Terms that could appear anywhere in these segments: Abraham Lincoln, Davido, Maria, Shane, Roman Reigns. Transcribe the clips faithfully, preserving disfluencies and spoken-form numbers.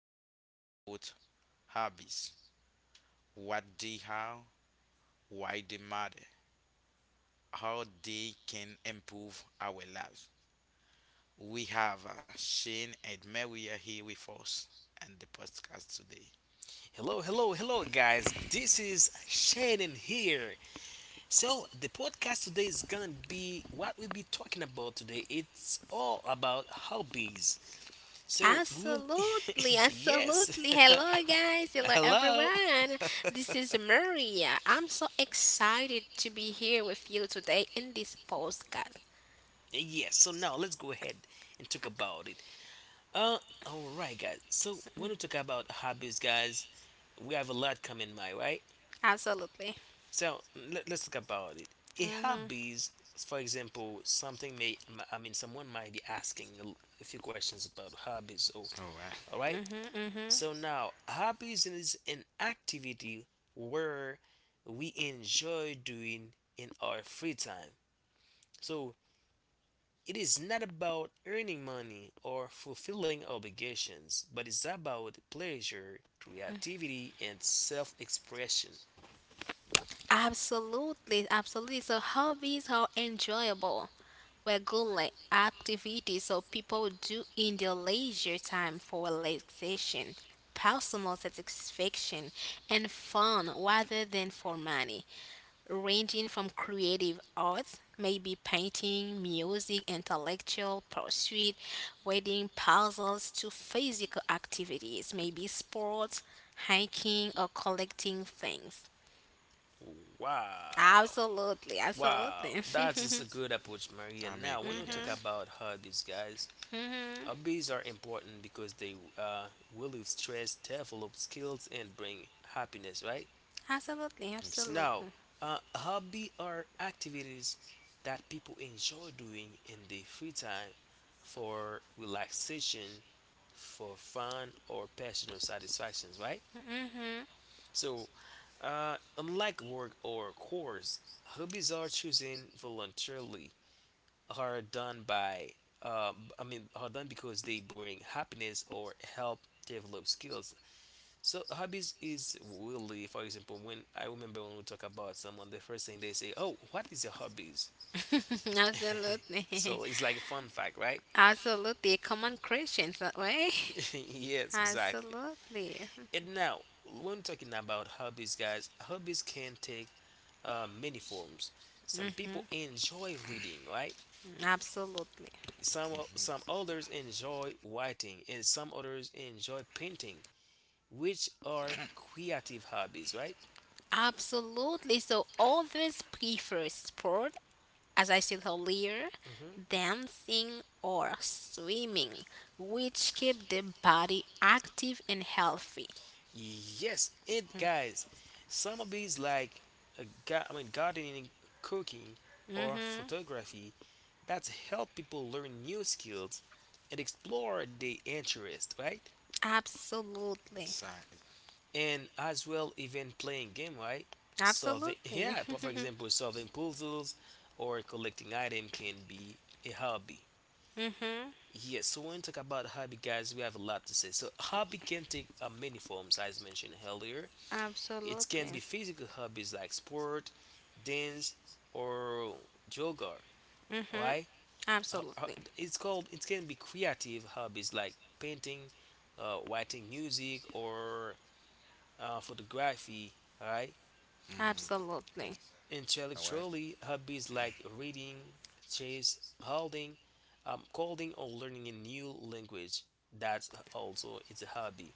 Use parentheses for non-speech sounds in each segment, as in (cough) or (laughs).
want to talk about hobbies. What they are, why they matter, how they can improve our lives. We have uh, Shane and Maria here with us and the podcast today. Hello, hello, hello, guys. This is Shannon here. So, the podcast today is gonna be what we'll be talking about today. It's all about hobbies. So, we'll. Absolutely, (laughs) Yes. absolutely. (laughs) Hello, guys. Hello, Hello. everyone. This is Maria. I'm so excited to be here with you today in this podcast. Yes, so now let's go ahead and talk about it. Uh, alright, guys. So, when we talk about hobbies, guys, we have a lot coming my way. Absolutely. So, mm, let, let's talk about it. A hobby is, for example, something may, m- I mean, someone might be asking a l- a few questions about hobbies. So, All right. all right. hmm So now, hobbies is an activity where we enjoy doing in our free time. So it is not about earning money or fulfilling obligations, but it's about pleasure, creativity, and self expression. Absolutely, absolutely. So hobbies are enjoyable. We good like activities so people do in their leisure time for relaxation, personal satisfaction and fun rather than for money. Ranging from creative arts, maybe painting, music, intellectual pursuit, wedding puzzles to physical activities, maybe sports, hiking or collecting things. Wow. Absolutely, Wow, absolutely, that is a good approach, Maria. I'm Now, a when we great talk guys. about hobbies, guys, hobbies are important because they uh, relieve stress, develop skills, and bring happiness, right? (laughs) absolutely, So now, absolutely, Exactly. uh, hobby are activities that people enjoy doing in their free time for relaxation, for fun, or personal satisfactions, right? hmm So, uh, unlike work or chores, hobbies are chosen voluntarily, are done by, uh, I mean, are done because they bring happiness or help develop skills. So, hobbies is really, for example, when I remember when we talk about someone, the first thing they say, "Oh, what is your hobbies?" (laughs) (laughs) absolutely, So it's like a fun fact, right? (laughs) absolutely. A common Christians that way. (laughs) (laughs) Yes, exactly. Absolutely, And now, when talking about hobbies, guys, hobbies can take uh, many forms. Some people enjoy reading, right? absolutely, Some some others enjoy writing, and some others enjoy painting, which are creative hobbies, right? absolutely. So always prefer sport, as I said earlier, Hmm. dancing or swimming, which keep the body active and healthy. Yes, and guys, some of these like uh, ga- I mean gardening, cooking, or photography that help people learn new skills and explore their interest, right? Absolutely. Exactly. And as well, even playing game, right? Solving (laughs) Absolutely. yeah, but for example, solving puzzles or collecting item can be a hobby. (laughs) hmm Yes. So when we talk about hobby, guys, we have a lot to say. So hobby can take uh, many forms, as mentioned earlier. It can be Absolutely. physical hobbies like sport, dance, or yoga, right? Ho- ho- Absolutely. it's called it can be creative hobbies like painting, uh, writing, music, or uh, photography, right? Mm-hmm. Absolutely. Ex- All right. Intellectually, hobbies like reading, chess, holding, um, coding, or learning a new language, that also is a hobby.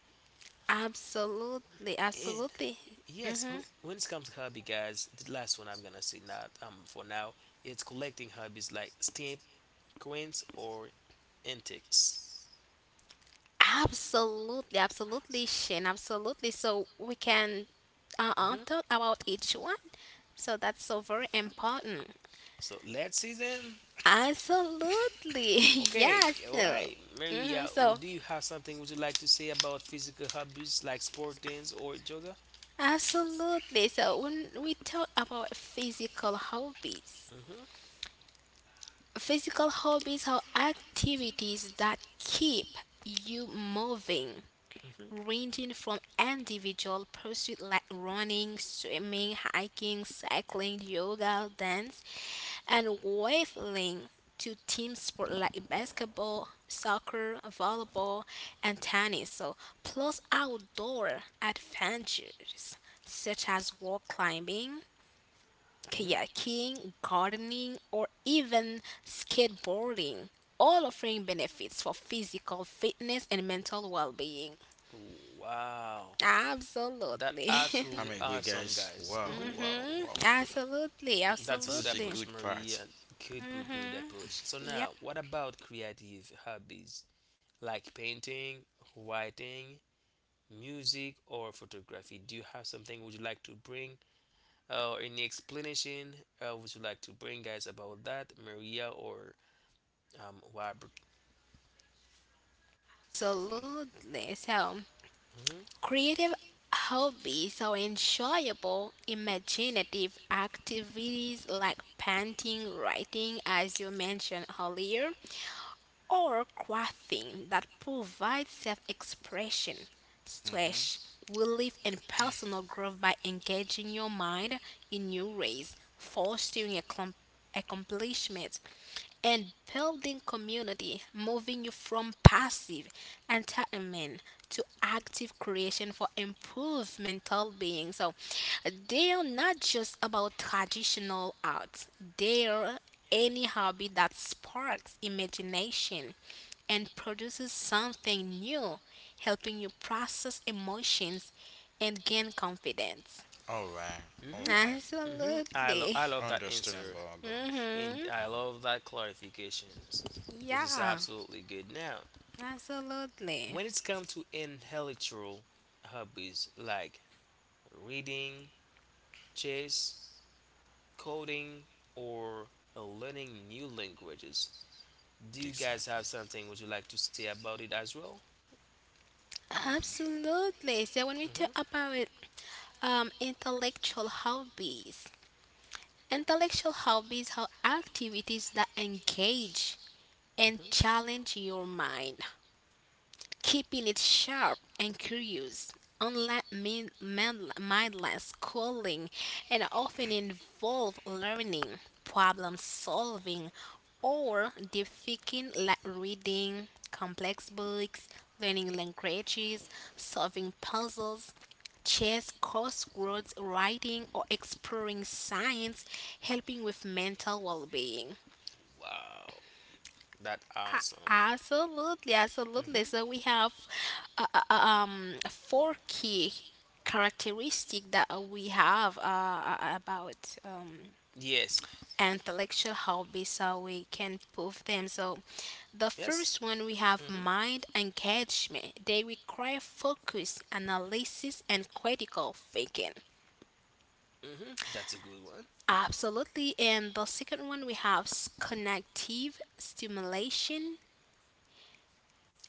Absolutely. And Absolutely. yes, Mm-hmm. wh- when it comes to hobby, guys, the last one I'm gonna say now. Um for now, it's collecting hobbies like stamp, coins, or antiques. Absolutely. Absolutely, Shane. Absolutely. So we can uh, uh, hmm talk about each one. So that's so very important. So let's see them. Absolutely. (laughs) Okay, Yes. all So, right, hmm Maria, so would you have something would you like to say about physical hobbies like sport, dance, or yoga? Absolutely. So when we talk about physical hobbies, Mm-hmm. physical hobbies are activities that keep you moving, ranging from individual pursuits like running, swimming, hiking, cycling, yoga, dance, and wavelength to team sport like basketball, soccer, volleyball, and tennis. So, plus outdoor adventures such as rock climbing, Mhm. kayaking, gardening, or even skateboarding, all offering benefits for physical fitness and mental well being. Wow, that Absolutely. (laughs) absolutely I'm a great awesome, guys. guys. hmm Wow, wow, hmm wow. Absolutely. That's good This is a Absolutely. approach, good Maria. part. Good, good, good approach. So now, Yeah. what about creative hobbies like painting, writing, music, or photography? Do you have something would you like to bring, uh, or any explanation uh, would you like to bring, guys, about that, Maria or um, Robert? Absolutely. So, Mm-hmm. creative hobbies are enjoyable, imaginative activities like painting, writing, as you mentioned earlier, or crafting that provide self expression, stress relief, and personal growth by engaging your mind in new ways, fostering a accomplishment and building community, moving you from passive entitlement to active creation for improved mental being. So they are not just about traditional arts, they are any hobby that sparks imagination and produces something new, helping you process emotions and gain confidence. All right. All right. hmm I love Absolutely. I (laughs) love that answer, Understandable, guys. and Mhm. I love that clarifications, which is Yeah. absolutely good. Now, Absolutely. when it's come to intellectual hobbies like reading, chess, coding, or learning new languages, do you guys have Exactly. something would you like to say about it as well? Absolutely. So when we hmm talk about um, intellectual hobbies, intellectual hobbies are activities that engage and hmm challenge your mind, keeping it sharp and curious, unlike min- mind- mindless schooling, and often involve learning, problem solving, or deep thinking like reading complex books, learning languages, solving puzzles, chess, crosswords, writing, or exploring science, helping with mental well being. Wow, that's awesome. Absolutely, absolutely. Hmm. So we have uh, uh, uh, um four key characteristic that uh, we have uh, uh, uh, about um, Yes. intellectual hobbies, so we can prove them. So the Yes. first one we have hmm mind engagement. They require focus, analysis, and critical thinking. hmm That's a good one. Absolutely. And the second one we have s- connective stimulation.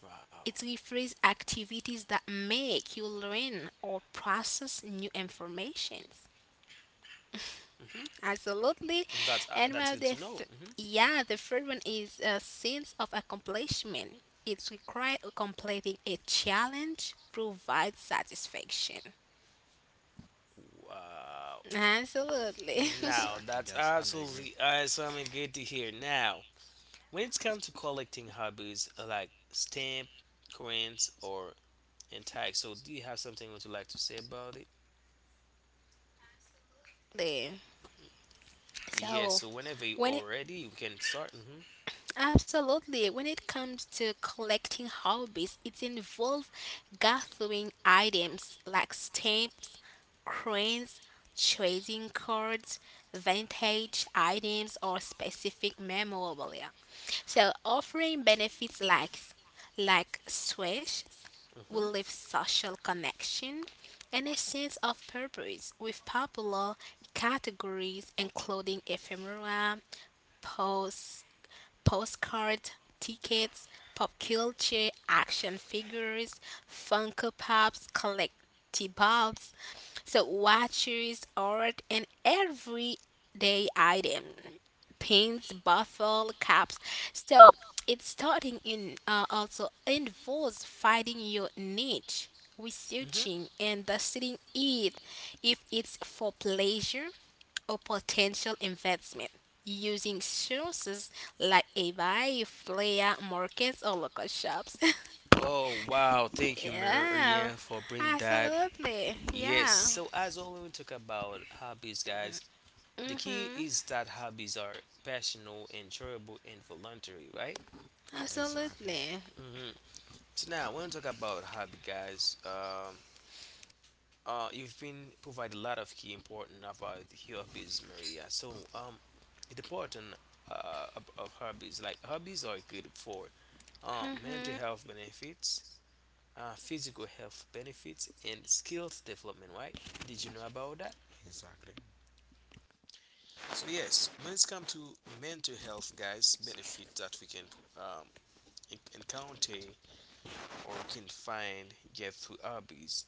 Wow. It refers activities that make you learn or process new information. hmm Absolutely. That's uh, And that's well, good the to know. th- hmm yeah, the third one is a sense of accomplishment. It's required of completing a challenge provides satisfaction. Wow. Absolutely. Now Exactly, that's guys. I'm absolutely agreeing. awesome and good to hear. Now, when it's come to collecting hobbies uh, like stamp, coins, or and tags, so do you have something would you like to say about it? (laughs) There. Yes. So So, whenever you are when it ready, we can start. hmm Absolutely. When it comes to collecting hobbies, it involves gathering items like stamps, coins, trading cards, vintage items, or specific memorabilia. So, offering benefits like like swish hmm will live social connection and a sense of purpose, with popular categories including ephemera, posts, postcard tickets, pop culture, action figures, Funko Pops, collectibles, so watches, art, and everyday item pins, bottle caps. So it's starting in uh, also involves finding your niche, hmm researching and studying it if it's for pleasure or potential investment. Using sources like eBay, Flea, markets, or local shops. Oh wow! (laughs) Thank you, Yeah, Marianne, for bringing that. absolutely. Yes. Yeah, So as always, we talk about hobbies, guys. The key is that hobbies are passional, enjoyable, and voluntary, right? Exactly. absolutely. hmm So now, when we talk about hobby, guys, um, uh, you've been provided a lot of key important about hobbies, Maria. So, um, it's important uh of, of hobbies. Like hobbies are good for uh, mental health benefits, uh, physical health benefits, and skills development, right? Did you know about that? Exactly. So, yes, when it's come to mental health, guys, benefit that we can um, en- encounter or can find get through hobbies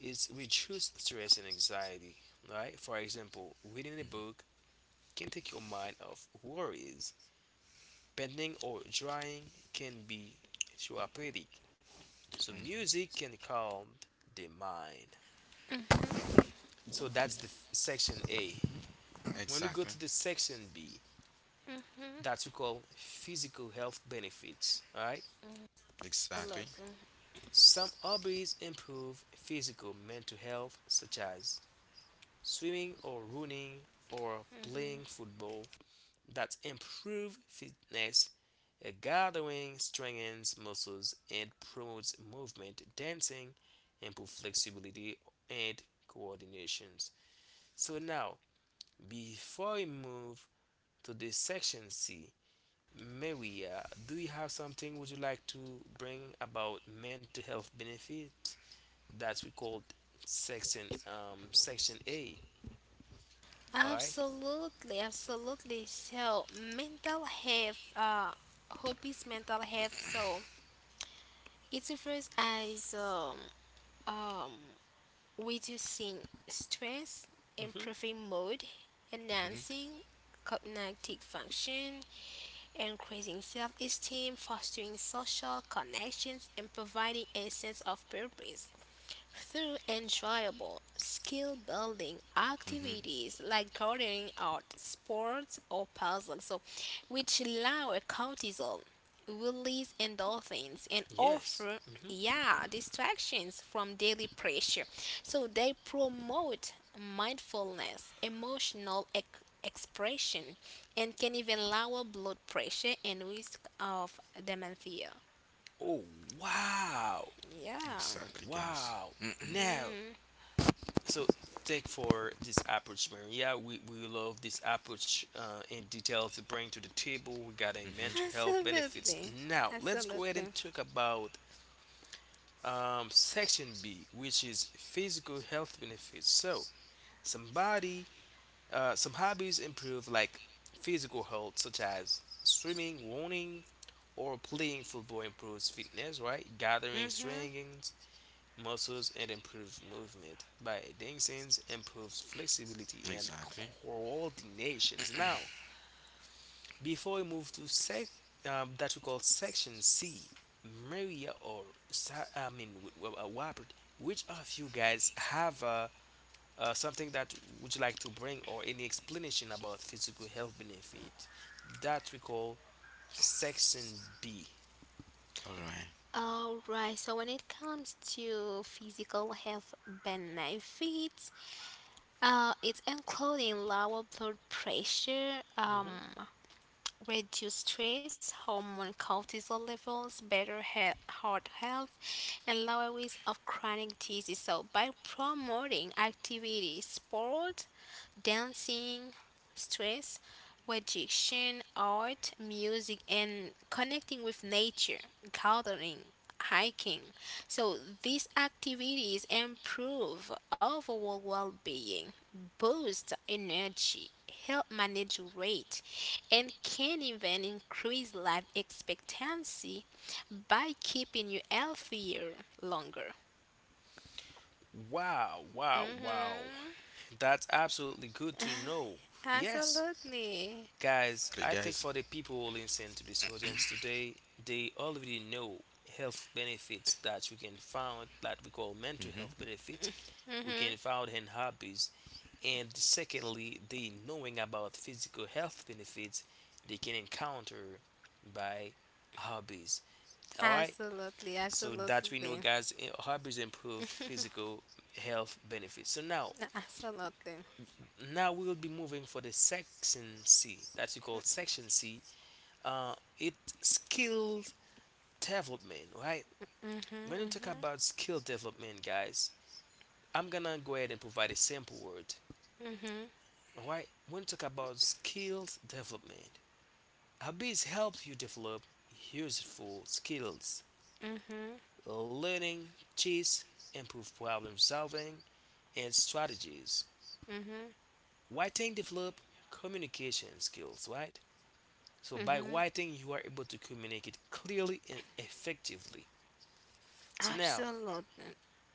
is reduce stress and anxiety, right? For example, reading a book can take your mind off worries. Painting or drawing can be therapeutic. So music can calm the mind. So that's the f- section A. When we go to Exactly. the section B, that we call physical health benefits. All right. Exactly. Mhm. Some hobbies improve physical mental health, such as swimming or running or playing football. That improve fitness. A gathering strengthens muscles and promotes movement. Dancing improve flexibility and coordinations. So now, before we move to this section C. Maria, do you have something would you like to bring about mental health benefit that we called section um section A? All right. Absolutely, absolutely. So, mental health, uh, hobbies, mental health. So, it refers as um, um, reducing stress, Mm-hmm. improving mood, hmm enhancing cognitive function, increasing self esteem, fostering social connections, and providing a sense of purpose. Through enjoyable skill building hmm activities like gardening art, sports, or puzzles, so, which lower cortisol, release endorphins, and Yes. offer, Mm-hmm. yeah, distractions from daily pressure. So they promote mindfulness, emotional ex- expression, and can even lower blood pressure and risk of dementia. Oh wow, Yeah, Exactly, guys. wow. Now, so thank for this approach, Maria. We we love this approach uh, in detail to bring to the table regarding mental (laughs) hmm health benefits. absolutely. Now, let's go ahead Absolutely. and talk about um, section B, which is physical health benefits. So somebody, uh, some hobbies improve like physical health, such as swimming, running, or playing football improves fitness, right? Gathering Mm-hmm. strengthens muscles and improves movement. By dancing improves flexibility and Exactly. coordinations. Now, before we move to sec um, that we call section C, Maria or Sa- I mean w- w- uh, Robert, which of you guys have uh, uh, something that would you like to bring or any explanation about physical health benefit that we call section B? All right. All right. So when it comes to physical health benefits, uh, it's including lower blood pressure, Mhm. um, reduce stress, hormone cortisol levels, better he- heart health, and lower risk of chronic disease. So, by promoting activity, sport, dancing, stress reduction, art, music, and connecting with nature, gardening, hiking. So these activities improve overall well being, boost energy, help manage weight, and can even increase life expectancy by keeping you healthier longer. Wow, wow, wow. hmm That's absolutely good to know. Yes, Absolutely. guys, Okay, I think guys. for the people who listen to this audience today, they already know health benefits that we can find, that we call mental hmm health benefits we can find in hobbies. And secondly, they knowing about physical health benefits they can encounter by hobbies. Alright? Absolutely. So that we Absolutely. know, guys, eh, hobbies improve physical health benefits. So now Absolutely. now we'll be moving for the section C. That's we call section C, uh, it skill development, right? When you talk Mm-hmm. about skill development, guys, I'm gonna go ahead and provide a sample word. Mm-hmm. Alright, when you talk about skills development, hobbies help you develop useful skills, Mm-hmm. learning, cheats, improve problem solving, and strategies. Mm-hmm. Writing develop communication skills, right? So by Mm-hmm. writing, you are able to communicate clearly and effectively. So now, Absolutely.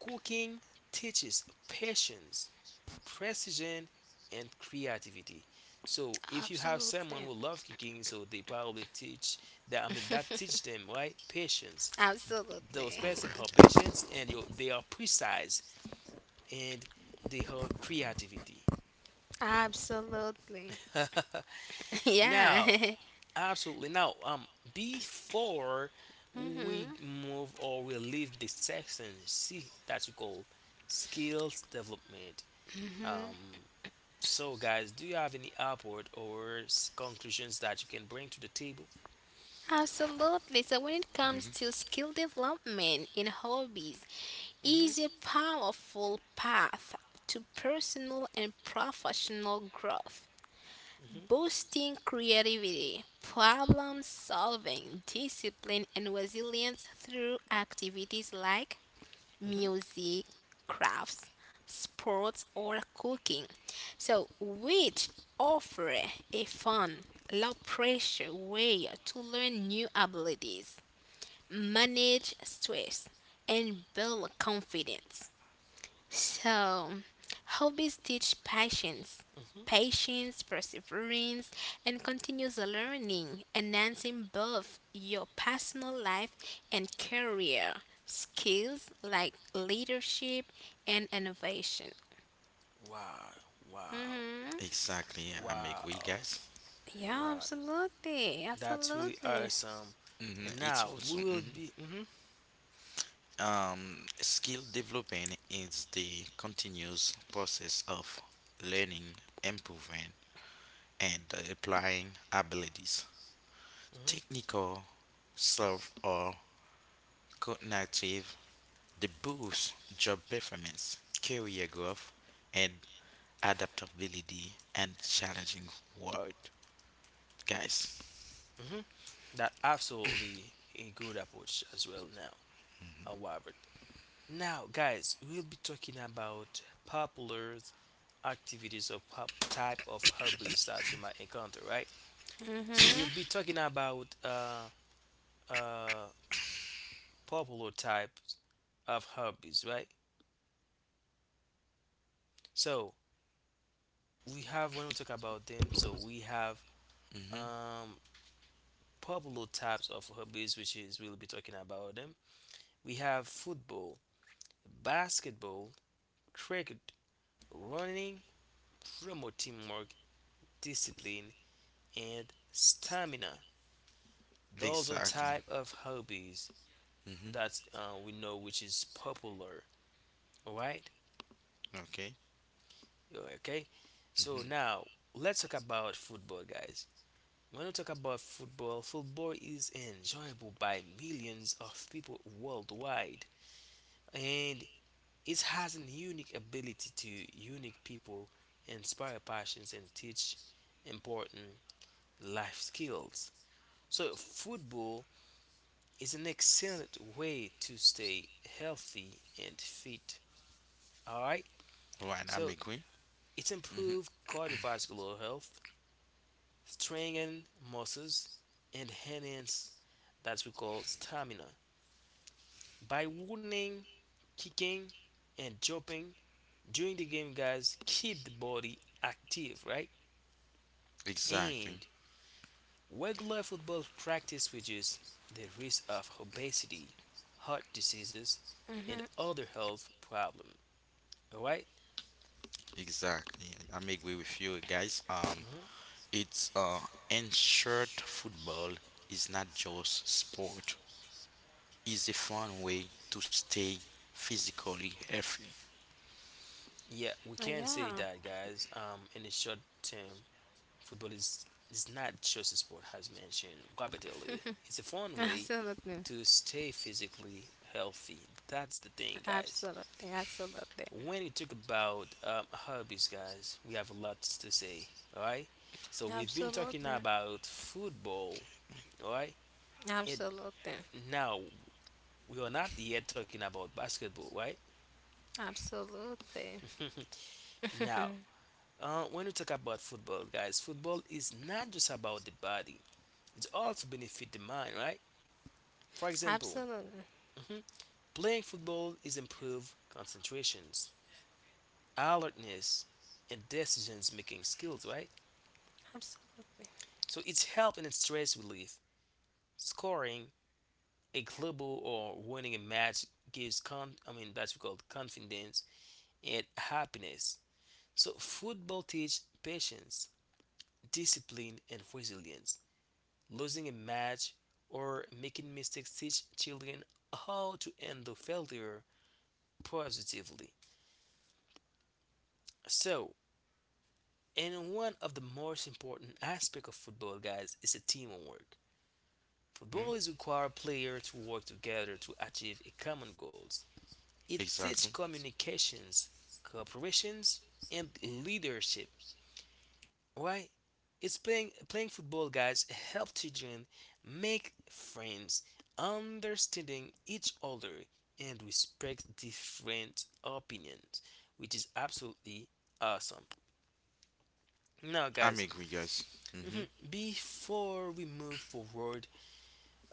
cooking teaches patience, precision, and creativity. So if you have Absolutely. someone who love cooking, so they probably teach that. I mean, that teach them right patience. Those Absolutely. All person right, have guys. patience, and you, they are precise, and they have creativity. (laughs) Absolutely. (laughs) (laughs) Now, Yeah. (laughs) absolutely. Now, um, before we move or we leave the section C that you call skills development. Um, So, guys, do you have any upward or s- conclusions that you can bring to the table? Absolutely. So when it comes to hmm skill development in hobbies, is hmm a powerful path to personal and professional growth, hmm boosting creativity, problem solving, discipline, and resilience through activities like hmm music, crafts, sports, or cooking. So, which offer a fun, low pressure way to learn new abilities, manage stress, and build confidence. So, hobbies teach patience, hmm patience, perseverance, and continuous learning, enhancing both your personal life and career skills like leadership and innovation. Wow, wow, hmm Exactly, yeah, I am agree, wow, guys. Yeah, right. absolutely, That's really absolutely. awesome. hmm And It's now we also. will hmm be. hmm Um, skill development is the continuous process of learning, improving, and applying abilities, hmm technical, self, or cognitive. The boost job performance, career growth, and adaptability and challenging world. Guys, hmm That absolutely a good approach as well. Now, uh, Robert. Now, guys, we'll be talking about popular activities or pop type of hobbies that we might encounter, right? So we'll be Mm-hmm. talking about uh uh popular types of hobbies, right? So we have when we talk about them, so we have mm-hmm. um popular types of hobbies, which is we'll be talking about them. We have football, basketball, cricket, running, promote teamwork, discipline, and stamina. Those are Exactly. type of hobbies Mm-hmm. that uh, we know which is popular. All right, Okay. okay. So Mm-hmm. now let's talk about football, guys. When we talk about football, football is enjoyable by millions of people worldwide, and it has a unique ability to unique people, inspire passions, and teach important life skills. So, football is an excellent way to stay healthy and fit. All right, Right, I'm so agree. it improves cardiovascular health, strengthen muscles, and enhance that we call stamina. By running, kicking, and jumping during the game, guys, keep the body active, right? Exactly. And regular football practice reduces the risk of obesity, heart diseases, Mm-hmm. and other health problems. All right? Exactly. I'm agree with you guys. Um Mhm. It's uh, ensured football is not just sport. It's a fun way to stay physically healthy. Yeah, Uh, we can Yeah, say that, guys. Um, in the short term, football is is not just a sport, as mentioned rapidly. It's a (laughs) fun way absolutely, to stay physically healthy. That's the thing, guys. absolutely, absolutely, When we talk about um, hobbies, guys, we have a lot to say. All right. So we've been talking absolutely, about football. All right. And absolutely, now we are not yet talking about basketball, right? absolutely. (laughs) Now, uh, when we talk about football, guys, football is not just about the body. It's also benefit the mind, right? For example, Absolutely, mhm, playing football is improve concentrations, alertness, and decisions making skills, right? absolutely. So it's help in stress relief. Scoring a global or winning a match gives con- I mean that's called confidence and happiness. So football teaches patience, discipline and resilience. Losing a match or making mistakes teach children how to handle failure positively. So, and one of the most important aspects of football, guys, is a teamwork. Football Mhm. is require players to work together to achieve a common goal. It teaches Exactly. communications, cooperations, and leadership. Right? It's playing playing football, guys. Help children make friends, understanding each other, and respect different opinions, which is absolutely awesome. Now, guys, I'm agree, guys. (laughs) mhm, hmm before we move forward,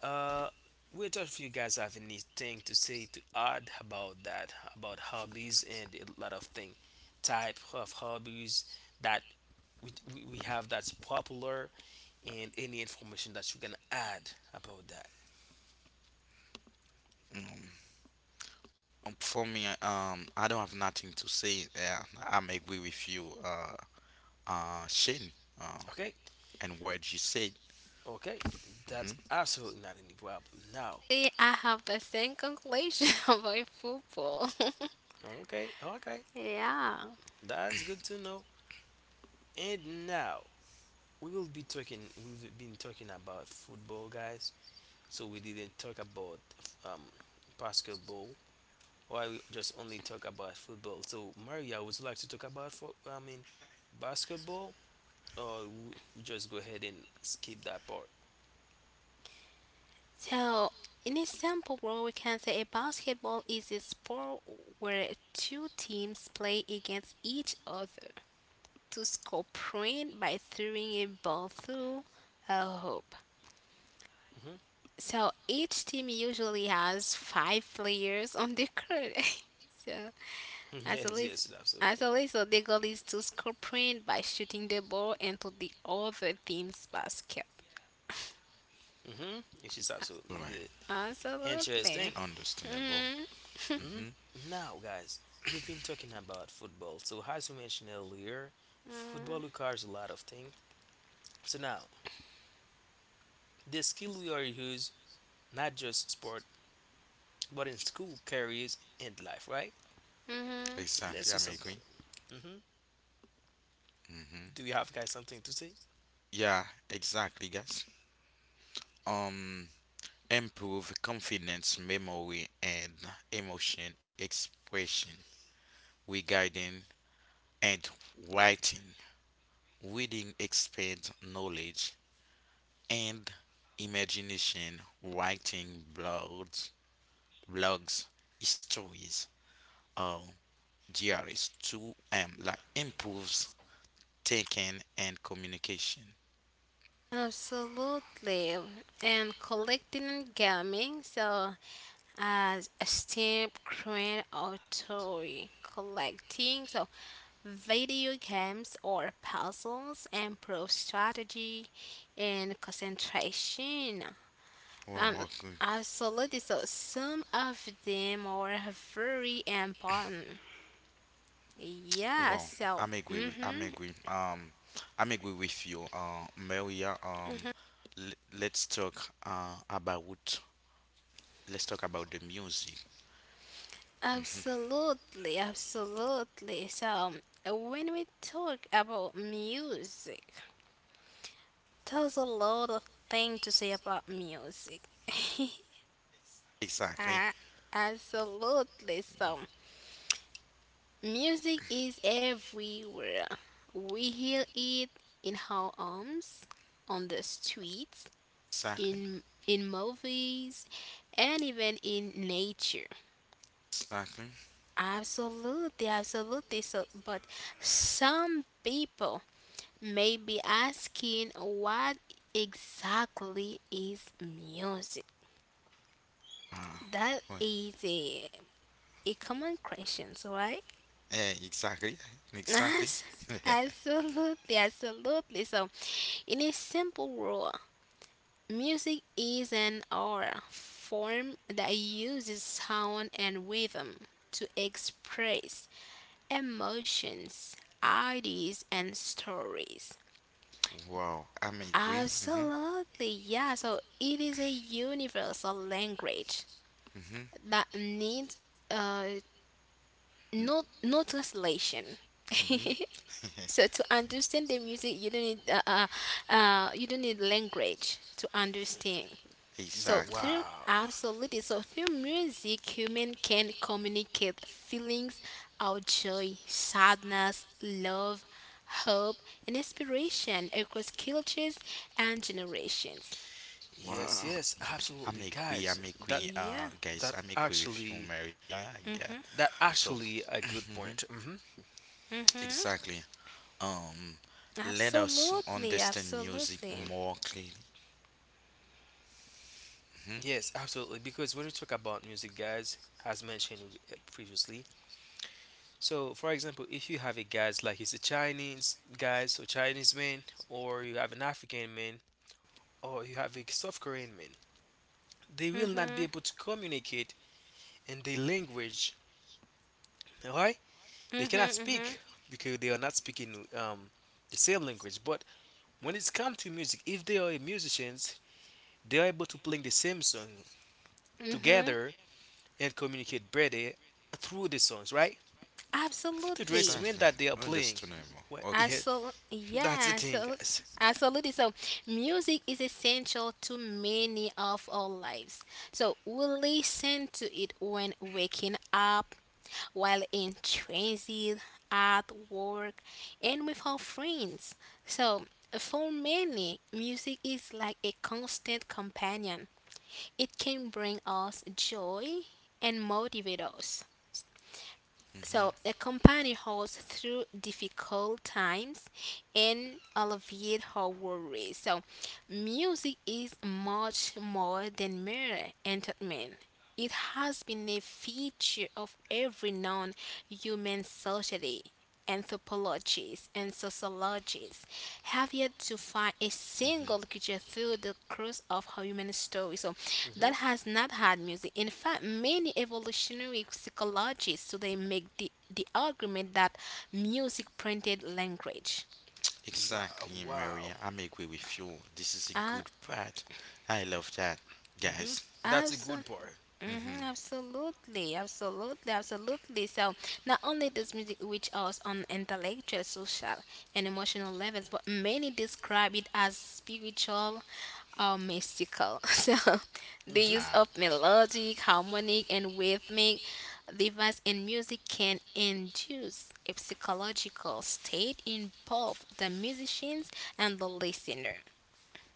Uh, whether if you guys have anything to say to add about that, about hobbies and a lot of thing, type of hobbies that we, we we have that's popular, and any information that you can add about that. Um, for me, um, I don't have nothing to say. Uh, I'm agree with you, uh, uh, Shane, uh, Okay, and what you said. okay, that's hmm absolutely not any problem. Now, See, I have the same conclusion (laughs) about football. okay, okay, (laughs) Yeah. that's good to know. And now we will be talking. We've been talking about football, guys. So we didn't talk about um basketball, why we just only talk about football? So, Maria, would you like to talk about fo- I mean, basketball, or w- we just go ahead and skip that part? So, in a simple rule, we can say a basketball is a sport where two teams play against each other to score point by throwing a ball through a hoop. Hmm. So, each team usually has five players on the court. (laughs) So, (laughs) Yes, As a, yes, lis- absolutely. as a result, the goal is to score point by shooting the ball into the other team's basket. Mm-hmm. Yes, it's absolutely good. Right. Interesting. Absolutely. Understandable. hmm Hmm. hmm Now, guys, we've been talking about football. So, as we mentioned earlier, football requires a lot of things. So now, the skill we are use not just sport, but in school, careers, and life. Right? hmm Let's Exactly. see I'm some agree. common. Mm-hmm. hmm Do you have guys something to say? Yeah. Exactly, guys. Um, improve confidence, memory, and emotion expression, regarding and writing. Reading expands knowledge and imagination. Writing blogs, blogs, stories, or diaries to um, like improves thinking and communication. Absolutely. And collecting and gaming, so as a stamp, coin, or toy. Collecting, so video games or puzzles improve strategy and concentration. Um, Wow, okay. absolutely. So some of them are very important. Yeah, Well, so, I'm agree with I'm mm-hmm. agree. Um, I'm agree with you, uh, Maria. Um, l- let's talk uh about let's talk about the music. Absolutely, absolutely. So when we talk about music, there's a lot of things to say about music. (laughs) Exactly, Ah, absolutely. So music is everywhere. We hear it in our homes, on the streets, exactly, in in movies and even in nature. exactly. Absolutely, absolutely. So, but some people may be asking what exactly is music? Uh, That what? is a, a common question, right? Eh, exactly, (laughs) exactly. (laughs) Absolutely, absolutely. So, in a simple rule, music is an art form that uses sound and rhythm to express emotions, ideas, and stories. Wow, I'm agree. Mhm, Absolutely, yeah. So it is a universal language mhm, that needs uh, no no translation. mhm. (laughs) So to understand the music, you don't need uh, uh, uh, you don't need language to understand. So Exactly. through Wow. absolutely, so through music human can communicate feelings our joy, sadness, love, hope and inspiration across cultures and generations. Yes, Wow, yes, I'm absolutely, agree. guys. I'm That agree. Yeah. Uh, guys, that I'm agree with you, actually Maria. Yeah. that So, actually a good mhm, point. Hmm. Mhm. exactly. Um, let us Absolutely, understand music absolutely. more clearly. hmm Yes, absolutely. Because when we talk about music, guys, as mentioned uh, previously, so for example, if you have a guys like he's a Chinese guys or Chinese man, or you have an African man, or you have a South Korean man, they will not Mhm. be able to communicate in their language, right? They Mhm. cannot Mhm. speak because they are not speaking um, the same language. But when it's come to music, if they are musicians, they are able to play the same song Mhm. together and communicate better through the songs, right? To the Absolutely. Exactly, instrument that they are playing. understandable. Well, Okay. yeah, Absolutely, (laughs) that's the yeah, thing, so guys. absolutely. So, music is essential to many of our lives. So, we listen to it when waking up, while in transit, at work, and with our friends. So, for many, music is like a constant companion. It can bring us joy and motivate us. So, hmm a companion holds through difficult times and alleviate her worries. So, music is much more than mere entertainment. It has been a feature of every known human society, anthropologists and sociologists have yet to find a single hmm creature through the course of human story so Hmm. that has not had music. In fact, many evolutionary psychologists today make the, the argument that music printed language. Wow, Exactly, wow. Maria. I'm agree with you. This is a uh, good part. I love that, hmm guys. That's a abs- good part. Mhm, hmm absolutely, absolutely, absolutely. So, not only does music reach us on intellectual, social, and emotional levels, but many describe it as spiritual or mystical. (laughs) So, the hmm use Ah, of melodic, harmonic, and rhythmic device in music can induce a psychological state in both the musicians and the listener.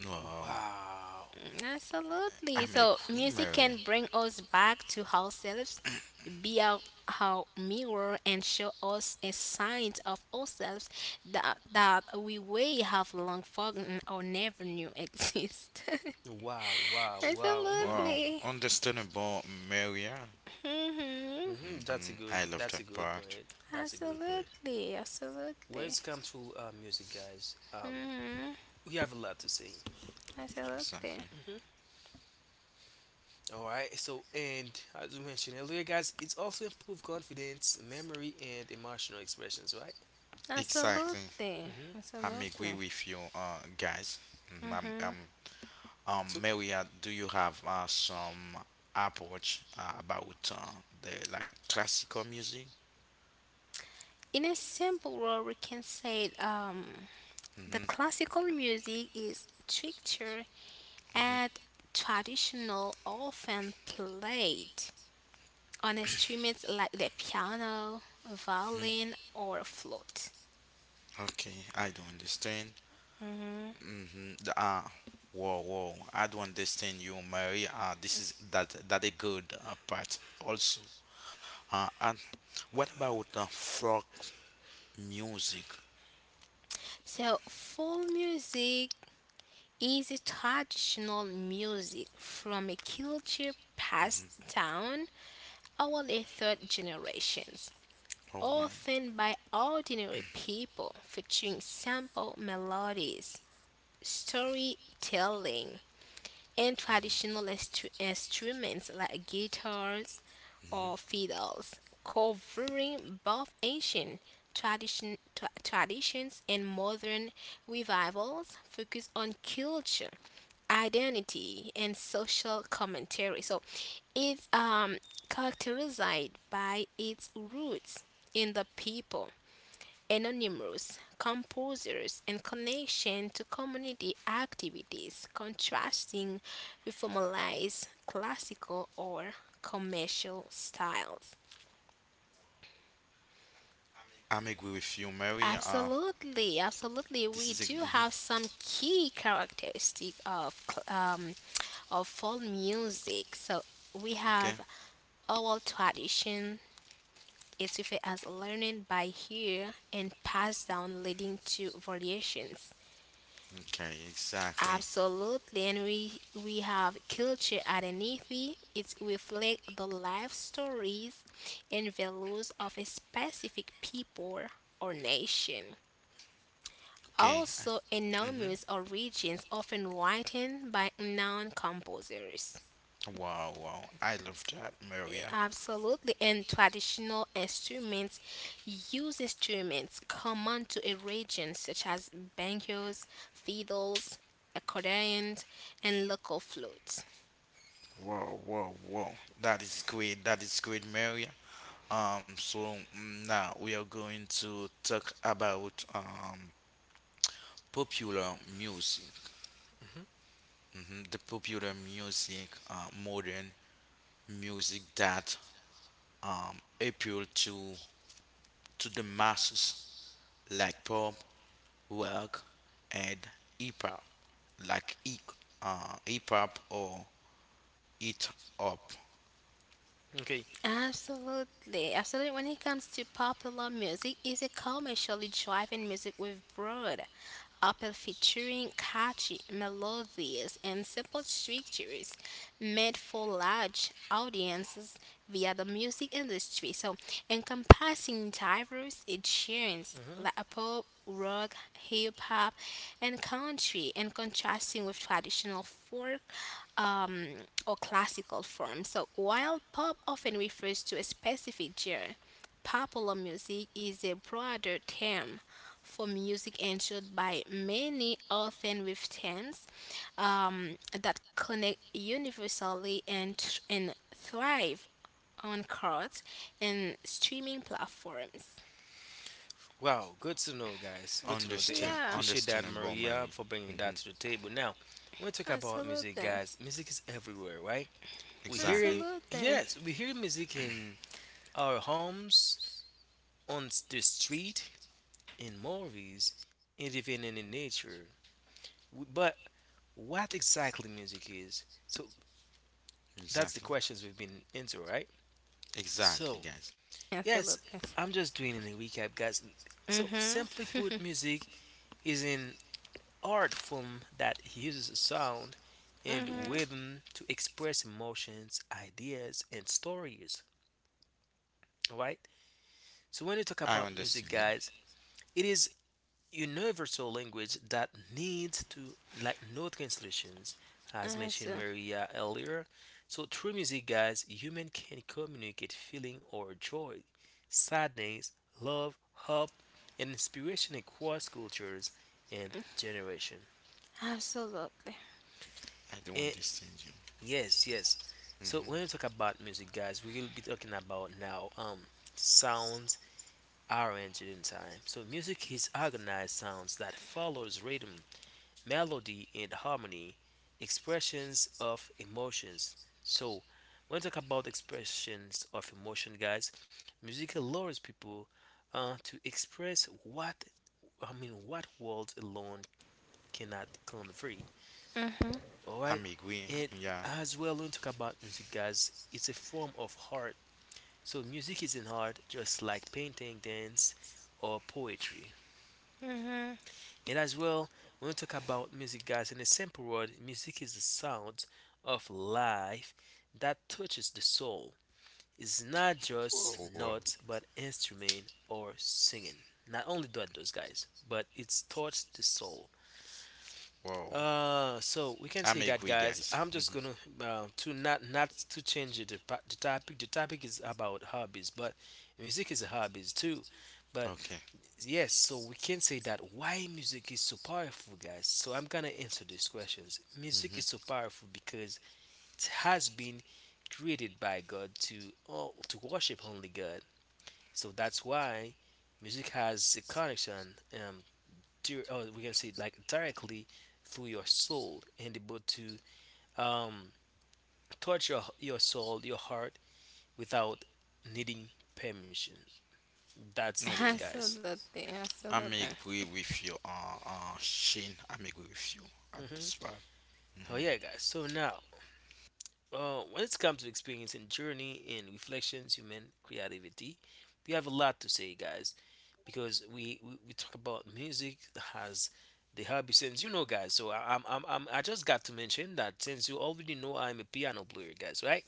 wow. Wow, Absolutely. I'm So agree, music Maria. can bring us back to ourselves, be our, our mirror, and show us a sign of ourselves that that we way have long forgotten or never knew exist. wow, (laughs) wow, wow. hmm Wow, Absolutely. understandable, Maria. Mhm. hmm hmm That's a I good. love That's that a good part. point. That's a good Mhm. point. Absolutely. When Absolutely. it's come to uh, music, guys, um, Mhm. we have a lot to say. Absolutely. Exactly. Hmm. All right. So, and as we mentioned earlier, guys, it's also improved confidence, memory, and emotional expressions, right? Exactly. Absolutely. hmm I'm agree Absolutely. with you, uh, guys. Mhm, I'm, Mhm. I'm Um, So, Maria, do you have uh, some approach uh, about uh, the like classical music? In a simple word, we can say um the Mm-hmm, classical music is structured mm-hmm. and traditional, often played on instruments like the piano, violin, or flute. Okay, I don't understand. Mhm. Mm-hmm. Uh, whoa, whoa, I don't understand you, Maria. Uh, this is that that a good uh, part also. Uh, and what about uh, folk music? So, folk music is a traditional music from a culture passed down over the third generations, Oh, right. mm right. often by ordinary people, featuring simple melodies, storytelling, and traditional instru- instruments like guitars or Mm-hmm. fiddles, covering both ancient tradition, tra- traditions and modern revivals, focus on culture, identity, and social commentary. So it's um, characterized by its roots in the people, anonymous composers and connection to community activities, contrasting with formalized classical or commercial styles. I'm agree with you, Mary. Uh, Absolutely, absolutely. this We is a, do have mhm, some key characteristic of cl- um, of folk music. So we okay. have oral tradition is referred as learning by ear and passed down, leading to variations. Okay, exactly. Absolutely, and we we have culture identity. It reflects the life stories and values of a specific people or nation. Okay. Also, anonymous origins often written by unknown composers. Wow, wow. I love that, Maria. Absolutely, and traditional instruments use instruments common to a region such as bangos, fiddles, accordions, and local flutes. Wow, wow, wow. That is great. That is great, Maria. Um, so mm, now we are going to talk about um popular music. hmm, hmm The popular music, uh, modern music that um appeal to to the masses, like pop, rock, and hip hop, like hip uh, hip hop or it up. okay. Absolutely, absolutely. When it comes to popular music, is a commercially driven music with broad appeal featuring catchy melodies and simple structures made for large audiences via the music industry. So, encompassing diverse genres Hmm. like pop, rock, hip hop, and country, and contrasting with traditional folk um, or classical forms. So, while pop often refers to a specific genre, popular music is a broader term for music enjoyed by many, often with themes um, that connect universally and, tr- and thrive on cards and streaming platforms. Wow, good to know, guys. Good to know. They Understand, Yeah, appreciate that, understandable, Maria, Mary. for bringing hmm that to the table. Now, when we talk about music, absolutely. guys, music is everywhere, right? We hear Exactly, Absolutely. yes, we hear music in our homes, on s- the street, in movies, and even in the nature. W- But what exactly music is? So that's the exactly, questions we've been into, right? exactly, So guys. yes, Absolutely. I'm just doing a recap, guys. So Mhm. simply put, music is an art form that uses sound and Mhm. hmm rhythm to express emotions, ideas, and stories. All right. So when you talk I about understand music, you. guys, it is universal language that needs to like no translations, as mentioned Abso- Maria earlier. So through music, guys, human can communicate feeling or joy, sadness, love, hope, and inspiration across cultures and generation. Absolutely. I do not And understand you. yes, yes. So when we hmm talk about music, guys, we will be talking about now um sounds arranged in time. So music is organized sounds that follows rhythm melody and harmony, expressions of emotions. So, when we talk about expressions of emotion, guys, music allows people uh, to express what I mean, what words alone cannot convey. Mhm. All right, I'm agree. and Yeah. as well, when we talk about music, guys, it's a form of art. So, music is an art, just like painting, dance, or poetry. Mhm. And as well, when we talk about music, guys, in a simple word, music is the sound of life that touches the soul. It's not Whoa, just whoa, notes, but instrument or singing. Not only that, those guys, but it's touched the soul. whoa. Uh, so we can I'm say that, agree, guys. guys. I'm hmm just gonna uh, to not not to change the the topic. The topic is about hobbies, but music is a hobbies too. But Okay. yes, so we can say that why music is so powerful, guys. So I'm gonna answer these questions. Music hmm is so powerful because it has been created by God to oh, to worship only God. So that's why music has a connection um to, or we can say like directly through your soul and able to um touch your your soul, your heart without needing permission. That's the thing, Okay. guys. Absolutely. I'm Absolutely. agree with you, uh, uh, Shane. I'm agree with you at hmm this part. Oh hmm yeah, guys. So now uh, when it comes to experiencing journey and reflections, human creativity, we have a lot to say, guys, because we, we, we talk about music as the hobby since you know, guys. So I, I'm, I'm, I'm I just got to mention that since you already know I'm a piano player, guys, right?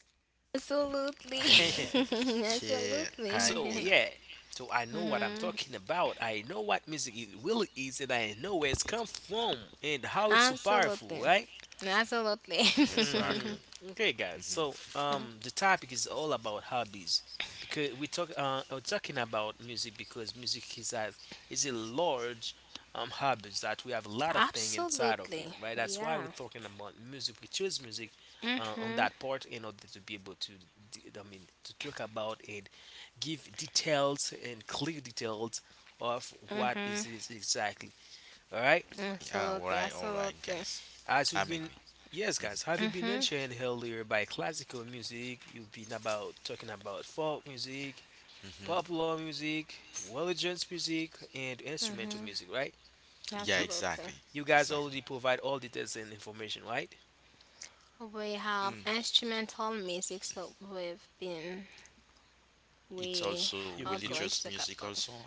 Absolutely. (laughs) yeah. (laughs) (laughs) Yeah. I So know. Absolutely. (laughs) yeah, so I know what I'm Mhm. talking about. I know what music it really is, and I know where it's come from and how it's so powerful, Absolutely. right? Absolutely. (laughs) Exactly. Hmm. Okay, guys. hmm So, um, the topic is all about hobbies because we talk uh we're talking about music because music is a is a large um hobbies that we have a lot of thing inside of Absolutely. it, right? That's why we're Yeah. talking about music. We choose music uh, on Mhm. that part in order to be able to, d- I mean, to talk about and give details and clear details of what Mhm. is it exactly. All right. Yeah. All Absolutely. right. All right, Absolutely. guys. As you've I'm been, agree. yes, guys, have you been Mhm. mentioned earlier by classical music? You've been about talking about folk music, hmm popular music, religious music, and instrumental music, right? Yeah, You Absolutely. exactly. you guys Exactly. already provide all details and information, right? We have Mm. instrumental music, so we've been It's we also You are you going religious to talk music about. also.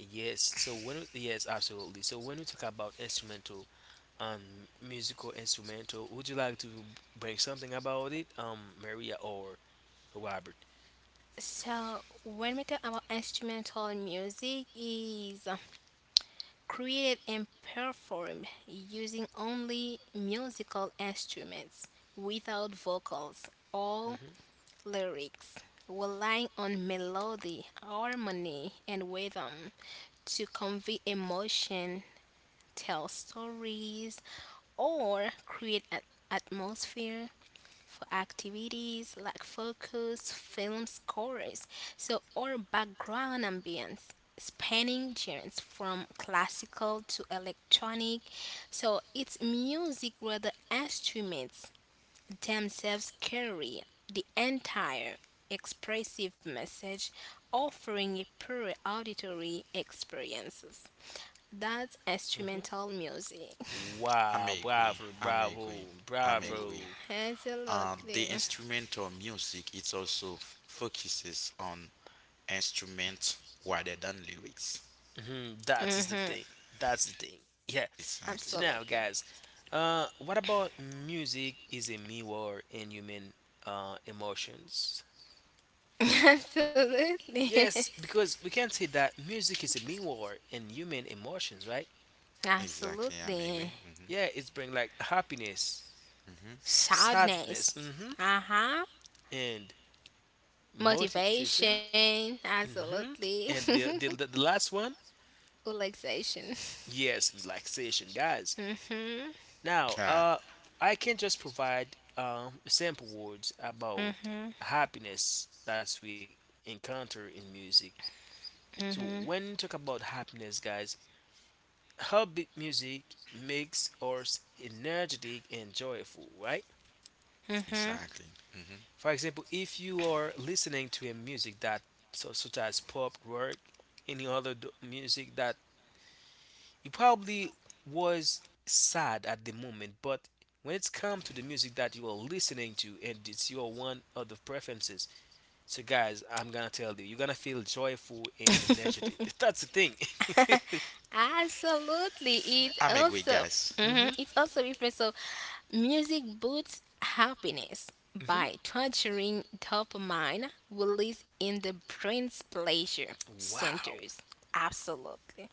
yes. So when we- yes, absolutely. So when we talk about instrumental, um, musical instrumental, would you like to bring something about it, um, Maria or Robert? So, when we talk about instrumental music, is uh, created and performed using only musical instruments without vocals or Mm-hmm. lyrics, relying on melody, harmony, and rhythm to convey emotion, tell stories, or create an atmosphere for activities like focus, film scores, so or background ambience, spanning genres from classical to electronic. So it's music where the instruments themselves carry the entire expressive message, offering a pure auditory experiences. That's Hmm. instrumental music. I Wow, may agree. bravo, I may agree. bravo, I may (laughs) agree. bravo. Uh, the Absolutely. instrumental music it also focuses on instrument rather than lyrics. Hmm. That is the Hmm thing. That's the thing. Yeah. Exactly. So now, Absolutely. guys, uh, what about music is a mirror in human uh, emotions? (laughs) Absolutely. Yes, because we can say that music is a mirror in human emotions, right? (laughs) Exactly. I may agree. Absolutely. hmm Yeah, it's bring like happiness, hmm Sadness. sadness, hmm Uh huh. and motivation. Motivation. Hmm. Absolutely. And the, the the the last one (laughs) Relaxation. yes, relaxation, guys. Mm hmm. Now, Yeah, uh, I can just provide um, sample words Mm about hmm. happiness that we encounter in music. So, when we talk about happiness, guys, upbeat music makes us energetic and joyful, right? Mm hmm. exactly. hmm For example, if you are listening to a music that so, such as pop, rock, any other d- music that he probably was sad at the moment, but when it's come to the music that you are listening to and it's your one of the preferences, so guys, I'm gonna tell you, you're gonna feel joyful and energetic. (laughs) That's the thing. Absolutely. It I may agree, also. guys. (laughs) Hmm Hmm. It's also referred so music boosts happiness Hmm. by torturing dopamine release in the brain's pleasure Wow. centers. Absolutely.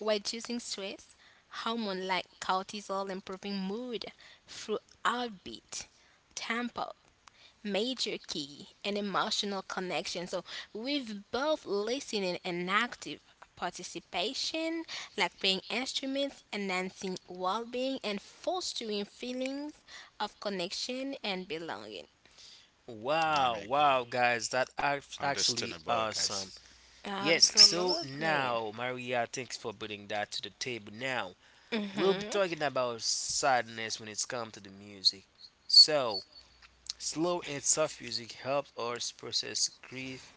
Reducing stress, hormone like cortisol improving mood through heartbeat, tempo, major key and emotional connection. So with both listening and active participation, like playing instruments, enhancing well-being, and fostering feelings of connection and belonging. I Wow, may agree. wow, guys, that act- actually Understandable, awesome. guys. Yes, so Absolutely. now, Maria, thanks for bringing that to the table now. We'll be Hmm talking about sadness when it's come to the music. So, slow and soft music helps us process grief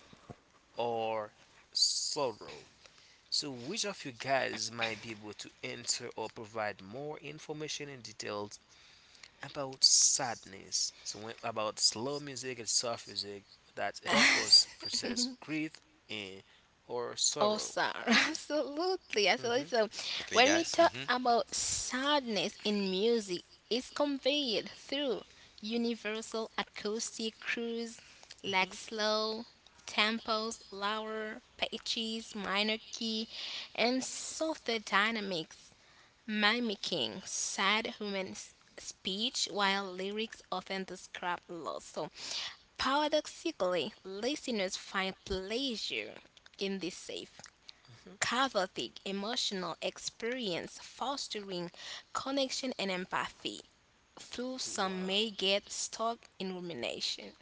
or sorrow. So, which of you guys might be able to answer or provide more information and details about sadness? So, when- about slow music and soft music that help us (laughs) process grief and or sorrow. Awesome. (laughs) Absolutely. Absolutely. Hmm. So, Exactly, when we guys. talk hmm about sadness in music, it's conveyed through universal acoustic cues like Hmm. slow tempos, lower pitches, minor key, and softer dynamics, mimicking sad human s- speech while lyrics often describe loss. So, paradoxically, listeners find pleasure in this safe cathartic emotional experience, fostering connection and empathy, though some may Wow! get stuck in rumination.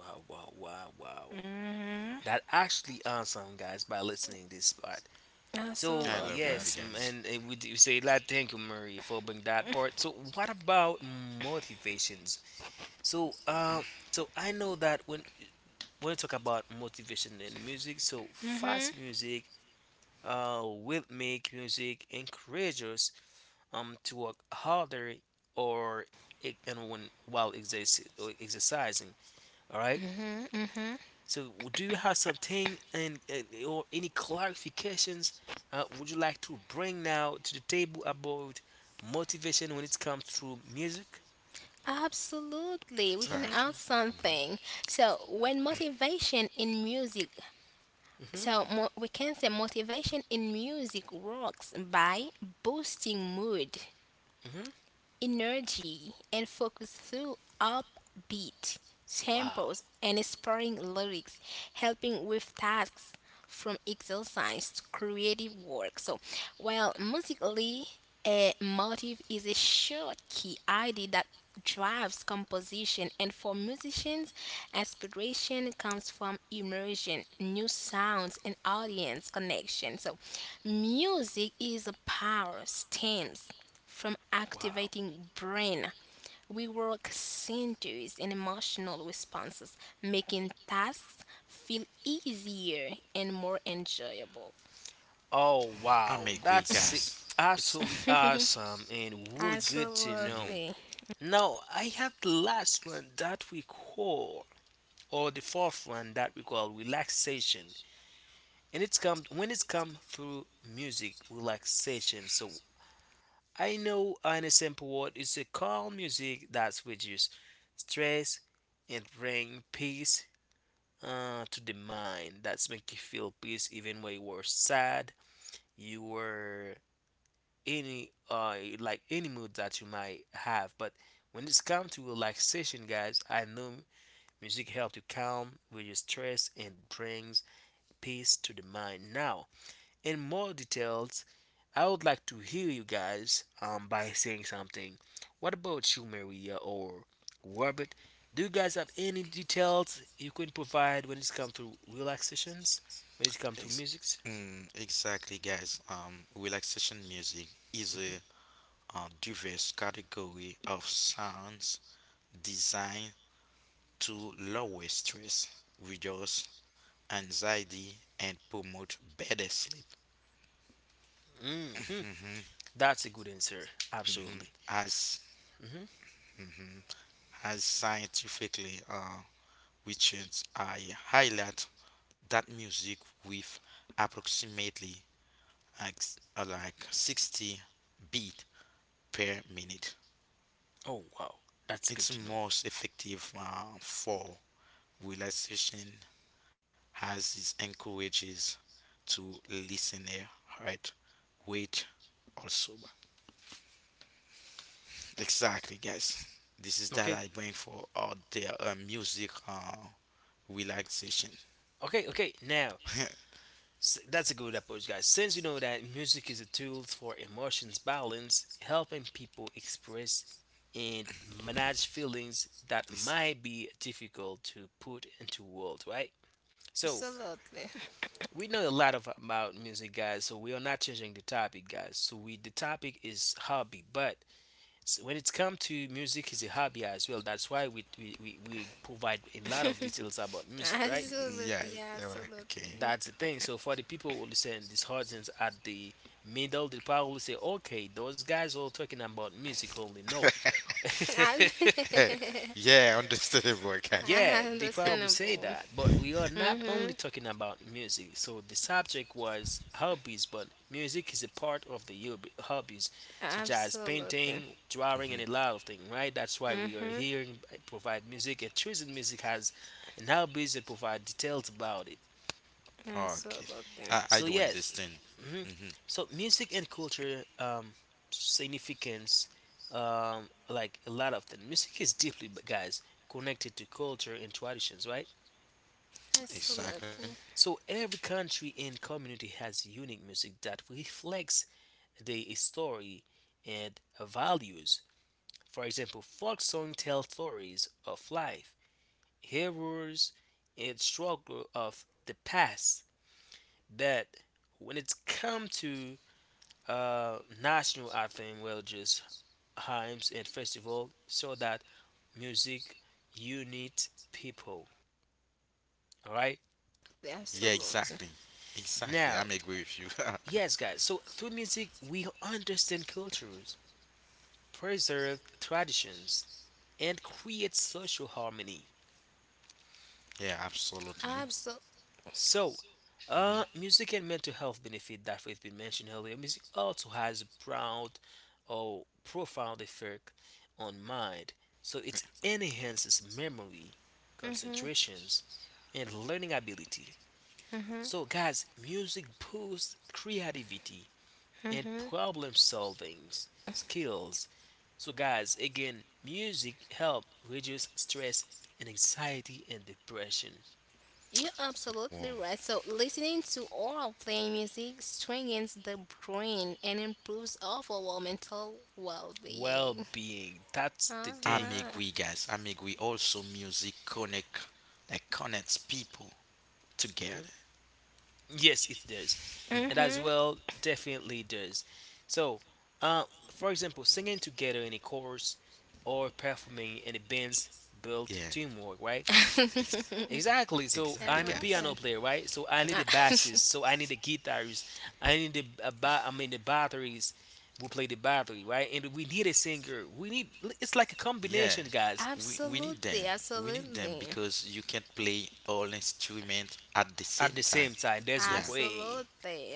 Wow! Wow! Wow! Wow! Hmm That actually awesome, guys, by listening this part. I So love Absolutely. that, yes, m- guys. and uh, we do say that. Thank you, Murray, for bringing that part. So what about motivations? So um, so I know that when when you talk about motivation in music, so Hmm fast music uh, will make music encourage us um, to work harder or e- and when while exerci- or exercising. All right. hmm hmm So, do you have something and uh, or any clarifications uh, would you like to bring now to the table about motivation when it comes to music? Absolutely. We can Hmm. Exactly. add something. So when motivation in music, Hmm. so mo- we can say motivation in music works by boosting mood, Hmm. energy and focus through upbeat Wow, tempos and inspiring lyrics, helping with tasks from exercise to creative work. So, while musically, a motive is a short key idea that drives composition and for musicians aspiration comes from immersion new sounds and audience connection so music is a power stems from wow, activating brain we work centers and emotional responses making tasks feel easier and more enjoyable oh I'm wow, a great that's the- guys. It's absolutely awesome and really it's good to mm-hmm, know. absolutely Now, I have the last one that we call, or the fourth one that we call relaxation. And it's come when it's come through music relaxation. So I know in a simple word it's a calm music that reduces stress and bring peace uh, to the mind. That's make you feel peace even when you were sad, you were any uh like any mood that you might have. But when it's come to relaxation, guys, I know music helps you calm, reduce stress, and brings peace to the mind. Now in more details, I would like to hear you guys um, by saying something. What about you, Maria or Robert? Do you guys have any details you can provide when it comes to relaxations? When it comes to ex- music? mm, exactly guys. Um, relaxation music is a uh, diverse category of sounds designed to lower stress, reduce anxiety, and promote better sleep. hmm That's a good answer. Absolutely. As Hmm. as scientifically uh, research, I highlight that music with approximately like, uh, like sixty beat per minute. Oh, wow. That's good It's to know. most effective uh, for relaxation as it encourages to listener right wait also exactly guys this is that Okay. I bring for all their uh, music uh, relaxation. Okay. Okay. Now, (laughs) S- that's a good approach, guys. Since you know that music is a tool for emotions balance, helping people express and manage feelings that This- might be difficult to put into words, right? So absolutely. we know a lot of about music, guys. So we are not changing the topic, guys. So we the topic is hobby, but s- when it's come to music, is a hobby as well. That's why we we, we, we provide a lot of details about (laughs) music, right? yeah, Absolutely, yeah, That's absolutely. the thing. So for the people who listen, these audience at the middle, they probably say, "Okay, those guys all talking about music only." No, (laughs) (laughs) okay. (laughs) Yeah, understandable (laughs) guys. I yeah, they probably say understandable. that. But we are not only Mm-hmm. talking about music. So the subject was hobbies, but music is a part of the hob- hobbies, such as Absolutely. painting, drawing, and a hmm lot of things. Right? That's why we are Mm-hmm. here and provide music and choosing music as an hobbies and provide details about it. okay, Absolutely. i i So do yes, understand. hmm so music and culture um, significance, um, like a lot of things. Music is deeply, b- guys, connected to culture and traditions, right? exactly. Absolutely. So every country and community has unique music that reflects the story and values. For example, folk song tell stories of life, heroes, and struggle of the past. But when it's come to uh, national anthem, well, just hymns and festival so that music unite people. All right. Yeah, Absolutely. exactly. Exactly. Now, I'm agree with you. (laughs) yes, guys. So through music, we understand cultures, preserve traditions, and create social harmony. Yeah, absolutely. Absolutely. So, uh, hmm music and mental health benefit that we've been mentioned earlier. Music also has a proud or profound effect on mind. So it enhances memory, Mm-hmm. concentrations, and learning ability. Mm-hmm. So, guys, music boosts creativity and Mm-hmm. problem solving skills. So, guys, again, music helps reduce stress and anxiety and depression. You're Wow. absolutely right. So, listening to or playing music strengthens the brain and improves overall mental Well well-being. being. That's the I'm thing. Uh-huh. agree, guys. I'm agree. Also, music connect, like connects people together. Yes, it does. And as Mm-hmm. well, definitely does. So, uh, for example, singing together in a chorus or performing in a band's build Yeah, teamwork, right? ex- Exactly. So exactly, I'm a guys. Exactly. piano player, right? So I need a bassist. (laughs) So I need a guitarist. I need a, a ba- I mean the batteries. We play the battery, right? And we need a singer. We need. It's like a Yeah, combination, guys. we we need them. Absolutely. We need them Absolutely. because you can't play all instruments at the At same the time. same time, there's no Yeah, way Absolutely.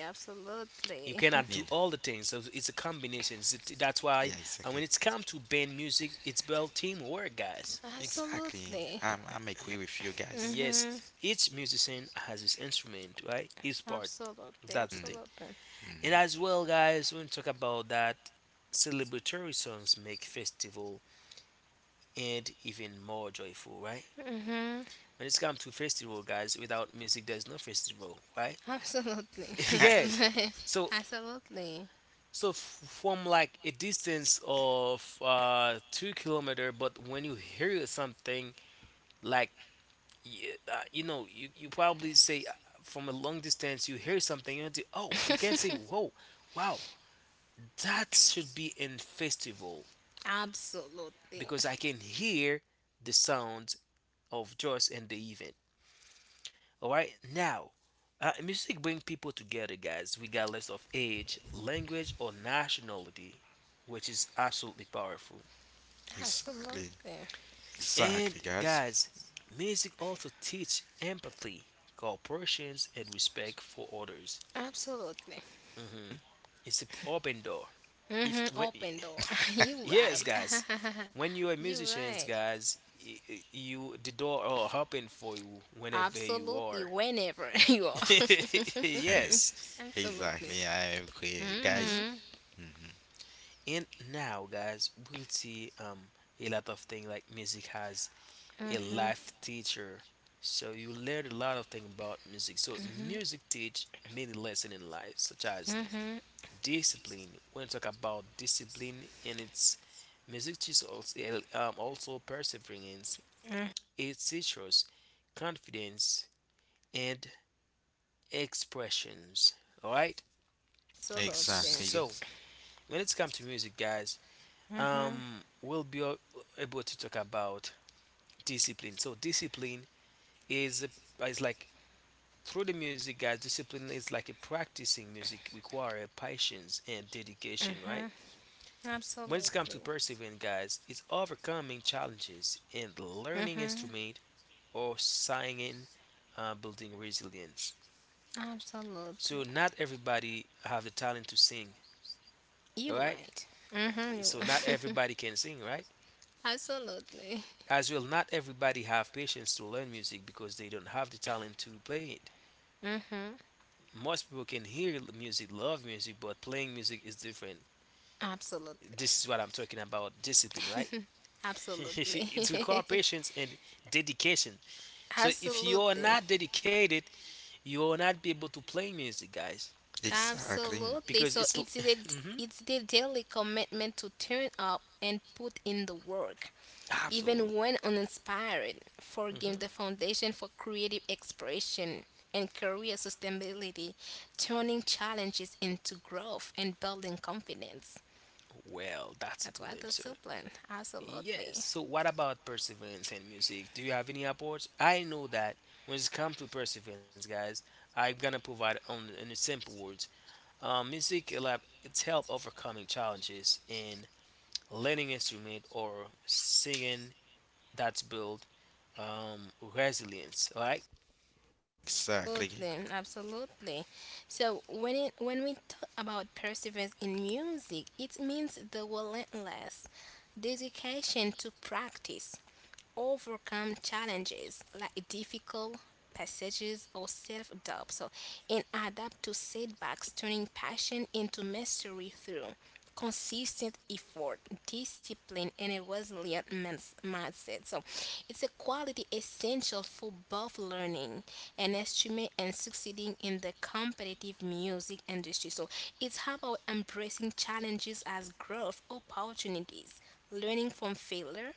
you Absolutely. cannot (laughs) do need. all the things. So it's a combination. So t- that's why. Yeah, And when exactly. it's come to band music, it's about teamwork, guys. Exactly. Absolutely. I'm I'm agree with you guys. Yes, Mm. each musician has his instrument, right? His part. Absolutely. That's the thing. Absolutely. And Mm-hmm. as well, guys, we'll talk about that celebratory songs make festival and even more joyful, right? Hmm When it's come to festival, guys, without music, there's no festival, right? Absolutely. (laughs) Yes. (laughs) (laughs) So, Absolutely. so f- from like a distance of uh, two kilometer, but when you hear something like y- uh, you know, you, you probably say uh, from a long distance, you hear something, you know, oh, you can say, (laughs) whoa, wow, that should be in festival Absolutely. Absolutely. because I can hear the sounds of joy and the event. All right, now uh, music brings people together, guys, regardless of age, language, or nationality, which is absolutely powerful. Exactly. Absolutely. Exactly, And guys. guys, music also teach empathy, cooperation, and respect for others. Absolutely. Hmm. It's an open door. If Hmm when Open door. (laughs) You (laughs) yes, right. guys, when you (laughs) are You musicians, right. guys, y- y- you the door are open for you whenever you Absolutely. are. Whenever (laughs) you are. (laughs) (laughs) Yes. Exactly, Absolutely. I agree, guys. Hmm. Hmm hmm And now, guys, we'll see um a lot of things like music has a hmm life teacher. So you learn a lot of things about music. So music teach many lessons in life, such as hmm discipline. When you talk about discipline and its music teaches also um, also perseverance. It teaches confidence and expressions. All right. Absolutely. Exactly, So guys. when it's come to music, guys, Hmm um, we'll be a- able to talk about discipline. So discipline is is like through the music, guys. Discipline is like a practicing music require patience and dedication, right? When it comes Absolutely. to persevering, guys, it's overcoming challenges and learning instrument or singing, uh, building resilience. Absolutely. So not everybody have the talent to sing, You're right? right. Mm-hmm. So not You- everybody can sing, right? (laughs) Absolutely. As well, not everybody have patience to learn music because they don't have the talent to play it. Mm-hmm. Most people can hear music, love music, but playing music is different. Absolutely. This is what I'm talking about discipline, right? (laughs) (laughs) It requires Absolutely. patience and dedication. (laughs) So if you are Absolutely. not dedicated, you will not be able to play music, guys, Exactly, Absolutely. because So it's it's (laughs) the Mhm. it's the daily commitment to turn up and put in the work, even Absolutely. when uninspired, forging Hmm. the foundation for creative expression and career sustainability, turning challenges into growth and building confidence. Well, that's a That's why good answer. discipline. Yes. Absolutely. So what about perseverance and music? Do you have any approach? I know that when it comes to perseverance, guys, I'm gonna provide on in the simple words. Um, music lab it's help overcoming challenges in learning instrument or singing that's build um resilience. Right? exactly. Absolutely, absolutely. So when it, when we talk about perseverance in music, it means the relentless dedication to practice, overcome challenges like difficult passages or self doubt, so, and adapt to setbacks, turning passion into mastery through consistent effort, discipline, and a resilient mins- mindset. So, it's a quality essential for both learning and achievement and succeeding in the competitive music industry. So, it's about embracing challenges as growth opportunities learning from failure,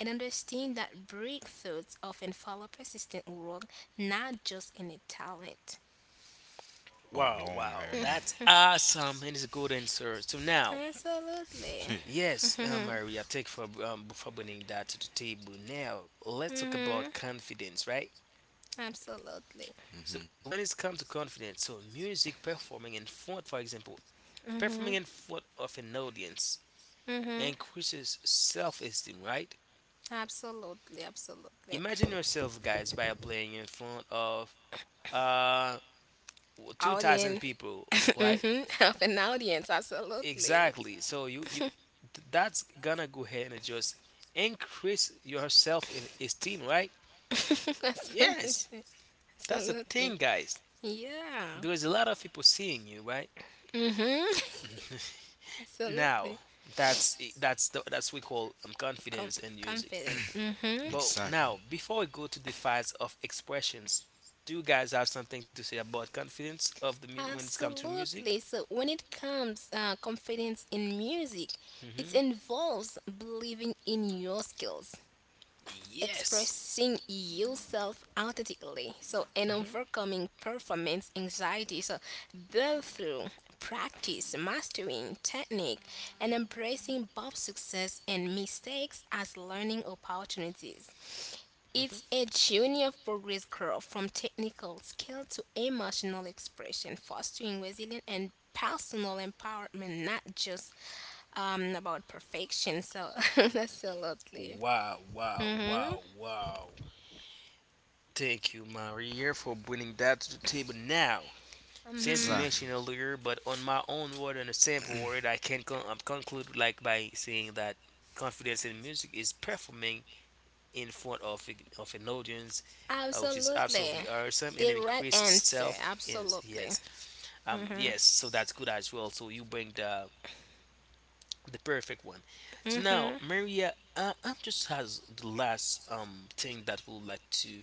and understand that breakthroughs often follow persistent work, not just any talent. Oh, Wow, wow, wow, Maria. that's awesome, and it's a good answer. So now. Absolutely. (laughs) Yes, uh, Maria, thank you for um, for bringing that to the table. Now, let's talk Mm-hmm. about confidence, right? Absolutely. So hmm when it's come to confidence, so music performing in front, for example, performing in front of an audience Mm-hmm. increases self-esteem, right? Absolutely. Absolutely. Imagine yourself, guys, by playing in front of uh two thousand Audience. people, (laughs) right? Mm-hmm. Of an audience. Absolutely. Exactly. So you you th- that's gonna go ahead and just increase your self-esteem, right? (laughs) Absolutely. Yes, that's the Absolutely. thing, guys. Yeah. Because a lot of people seeing you, right? Mm-hmm. (laughs) Now, Absolutely. that's that's the, that's we call um, Com- confidence in music. Confidence. Mm-hmm. But now, Exactly, before we go to the files of expressions, do you guys have something to say about confidence of the mu- when it's come to music? Absolutely. So when it comes uh, confidence in music, it Hmm. involves believing in your skills, Yes. expressing yourself authentically, so and Hmm. overcoming performance anxiety. So build through practice, mastering technique, and embracing both success and mistakes as learning opportunities. It's Hmm. a journey of progress growth from technical skill to emotional expression, fostering resilience and personal empowerment, not just um, about perfection. So, (laughs) absolutely. Wow! Wow! Mm-hmm. Wow! Wow! Thank you, Maria, for bringing that to the table. Now, since you Mm-hmm. exactly. mentioned earlier, but on my own word and a sample word, I can con- um, conclude like by saying that confidence in music is performing in front of of Ignorance, uh, which is absolutely Absolutely. awesome The and right increase answer. self in Absolutely. yes um yes, so that's good as well. So you bring the the perfect one. So now, Maria, um, I'm just has the last um thing that we would like to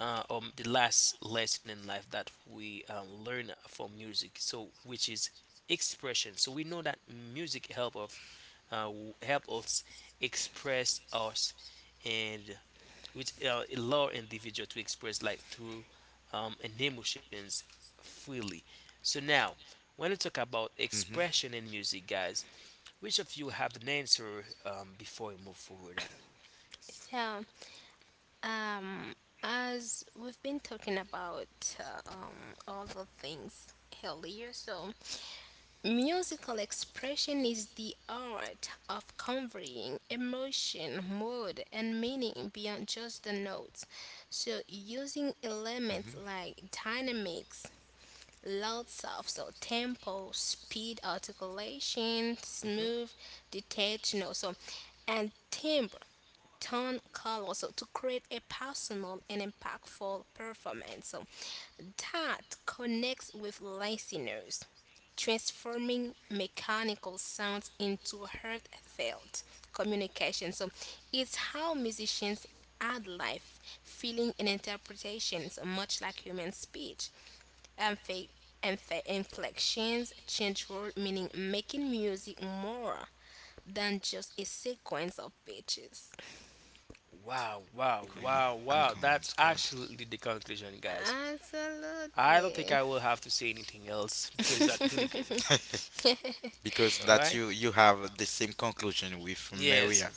uh um the last lesson in life that we um, learn from music, so which is expression. So we know that music help of uh, help us express us and which uh, allow individual to express like, through um, and emotions freely. So now, when we talk about hmm expression in music, guys, which of you have an answer um, before we move forward? So, um, as we've been talking about uh, um, all the things earlier, so musical expression is the art of conveying emotion, mood, and meaning beyond just the notes. So, using elements hmm like dynamics, loud soft, so tempo, speed, articulation, Hmm. smooth, detached, you know, so, and timbre Don Carlos so to create a personal and impactful performance so that connects with listeners, transforming mechanical sounds into heartfelt communication. So it's how musicians add life, feeling, and interpretations, much like human speech. Amphi- amphi- Inflections change word meaning, making music more than just a sequence of pitches. Wow, wow, Agree. wow, I'm wow! coming, That's Scott. actually the conclusion, guys. I don't think Absolutely. I will have to say anything else because that's really good. (laughs) Because All that right? you you have the same conclusion with Yes, Maria.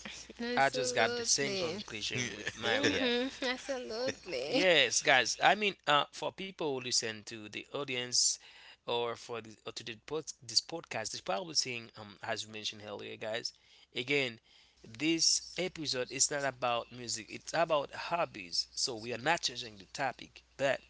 I just got the same Absolutely. conclusion with Maria. (laughs) Hmm Absolutely. Yes, guys. I mean, uh, for people who listen to the audience or for the, or to the pod, this podcast, they're probably saying, um, as we mentioned earlier, guys. Again, this episode is not about music; it's about hobbies. So we are not changing the topic, but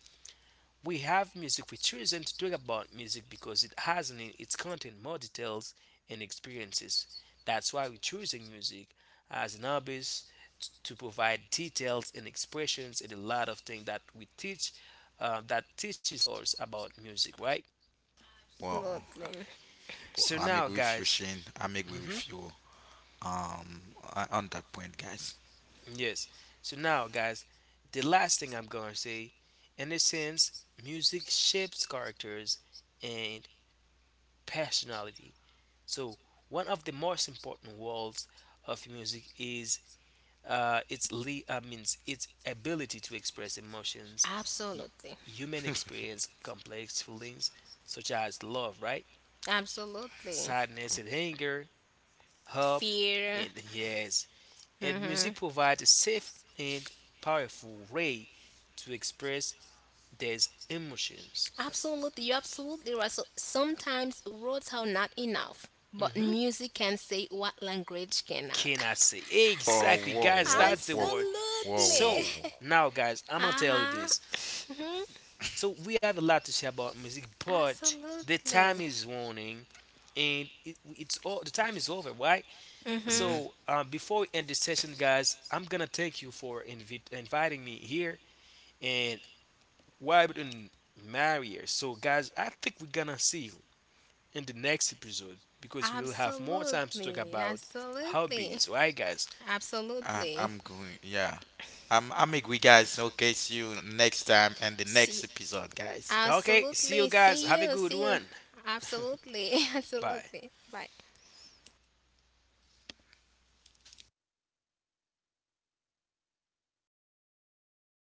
we have music. We choose to talk about music because it has in its content more details and experiences. That's why we're choosing music as an hobbies t- to provide details and expressions and a lot of things that we teach uh, that teaches us about music, right? Wow, Absolutely. So I'm now, agree with you, guys. Shane. I'm agree Hmm. with you. Um, on on that point, guys. Yes. So now, guys, the last thing I'm gonna say, in a sense, music shapes characters and personality. So one of the most important roles of music is uh, its le- uh, means its ability to express emotions, y- Absolutely. human experience, complex feelings such as love, right, Absolutely. sadness and anger, hope, Fear. and yes, and Hmm music provides a safe and powerful way to express these emotions. Absolutely. You're absolutely right. So sometimes words are not enough, but Mhm. music can say what language cannot. Cannot say. Oh, Exactly, whoa, (laughs) guys, whoa, that's the whoa, word. whoa, whoa, So, whoa. Absolutely. (laughs) now, guys, I'm gonna tell you Uh-huh. this. hmm So, we have a lot to say about music, but the time Absolutely. is running and it, it's all the time is over, right? Hmm hmm So, uh, before we end this session, guys, I'm gonna thank you for invi- inviting me here and Robert and Maria. So, guys, I think we're gonna see you in the next episode because we'll have more time to talk Absolutely. about Absolutely. hobbies, right, guys? Um, Absolutely. I'm going. Yeah. I'm, I'm agree, guys. Okay. See you next time and the See, next episode, guys. Okay, see you absolutely. guys. See Have a you. good See you. one. Absolutely. (laughs) Bye. Absolutely. Bye.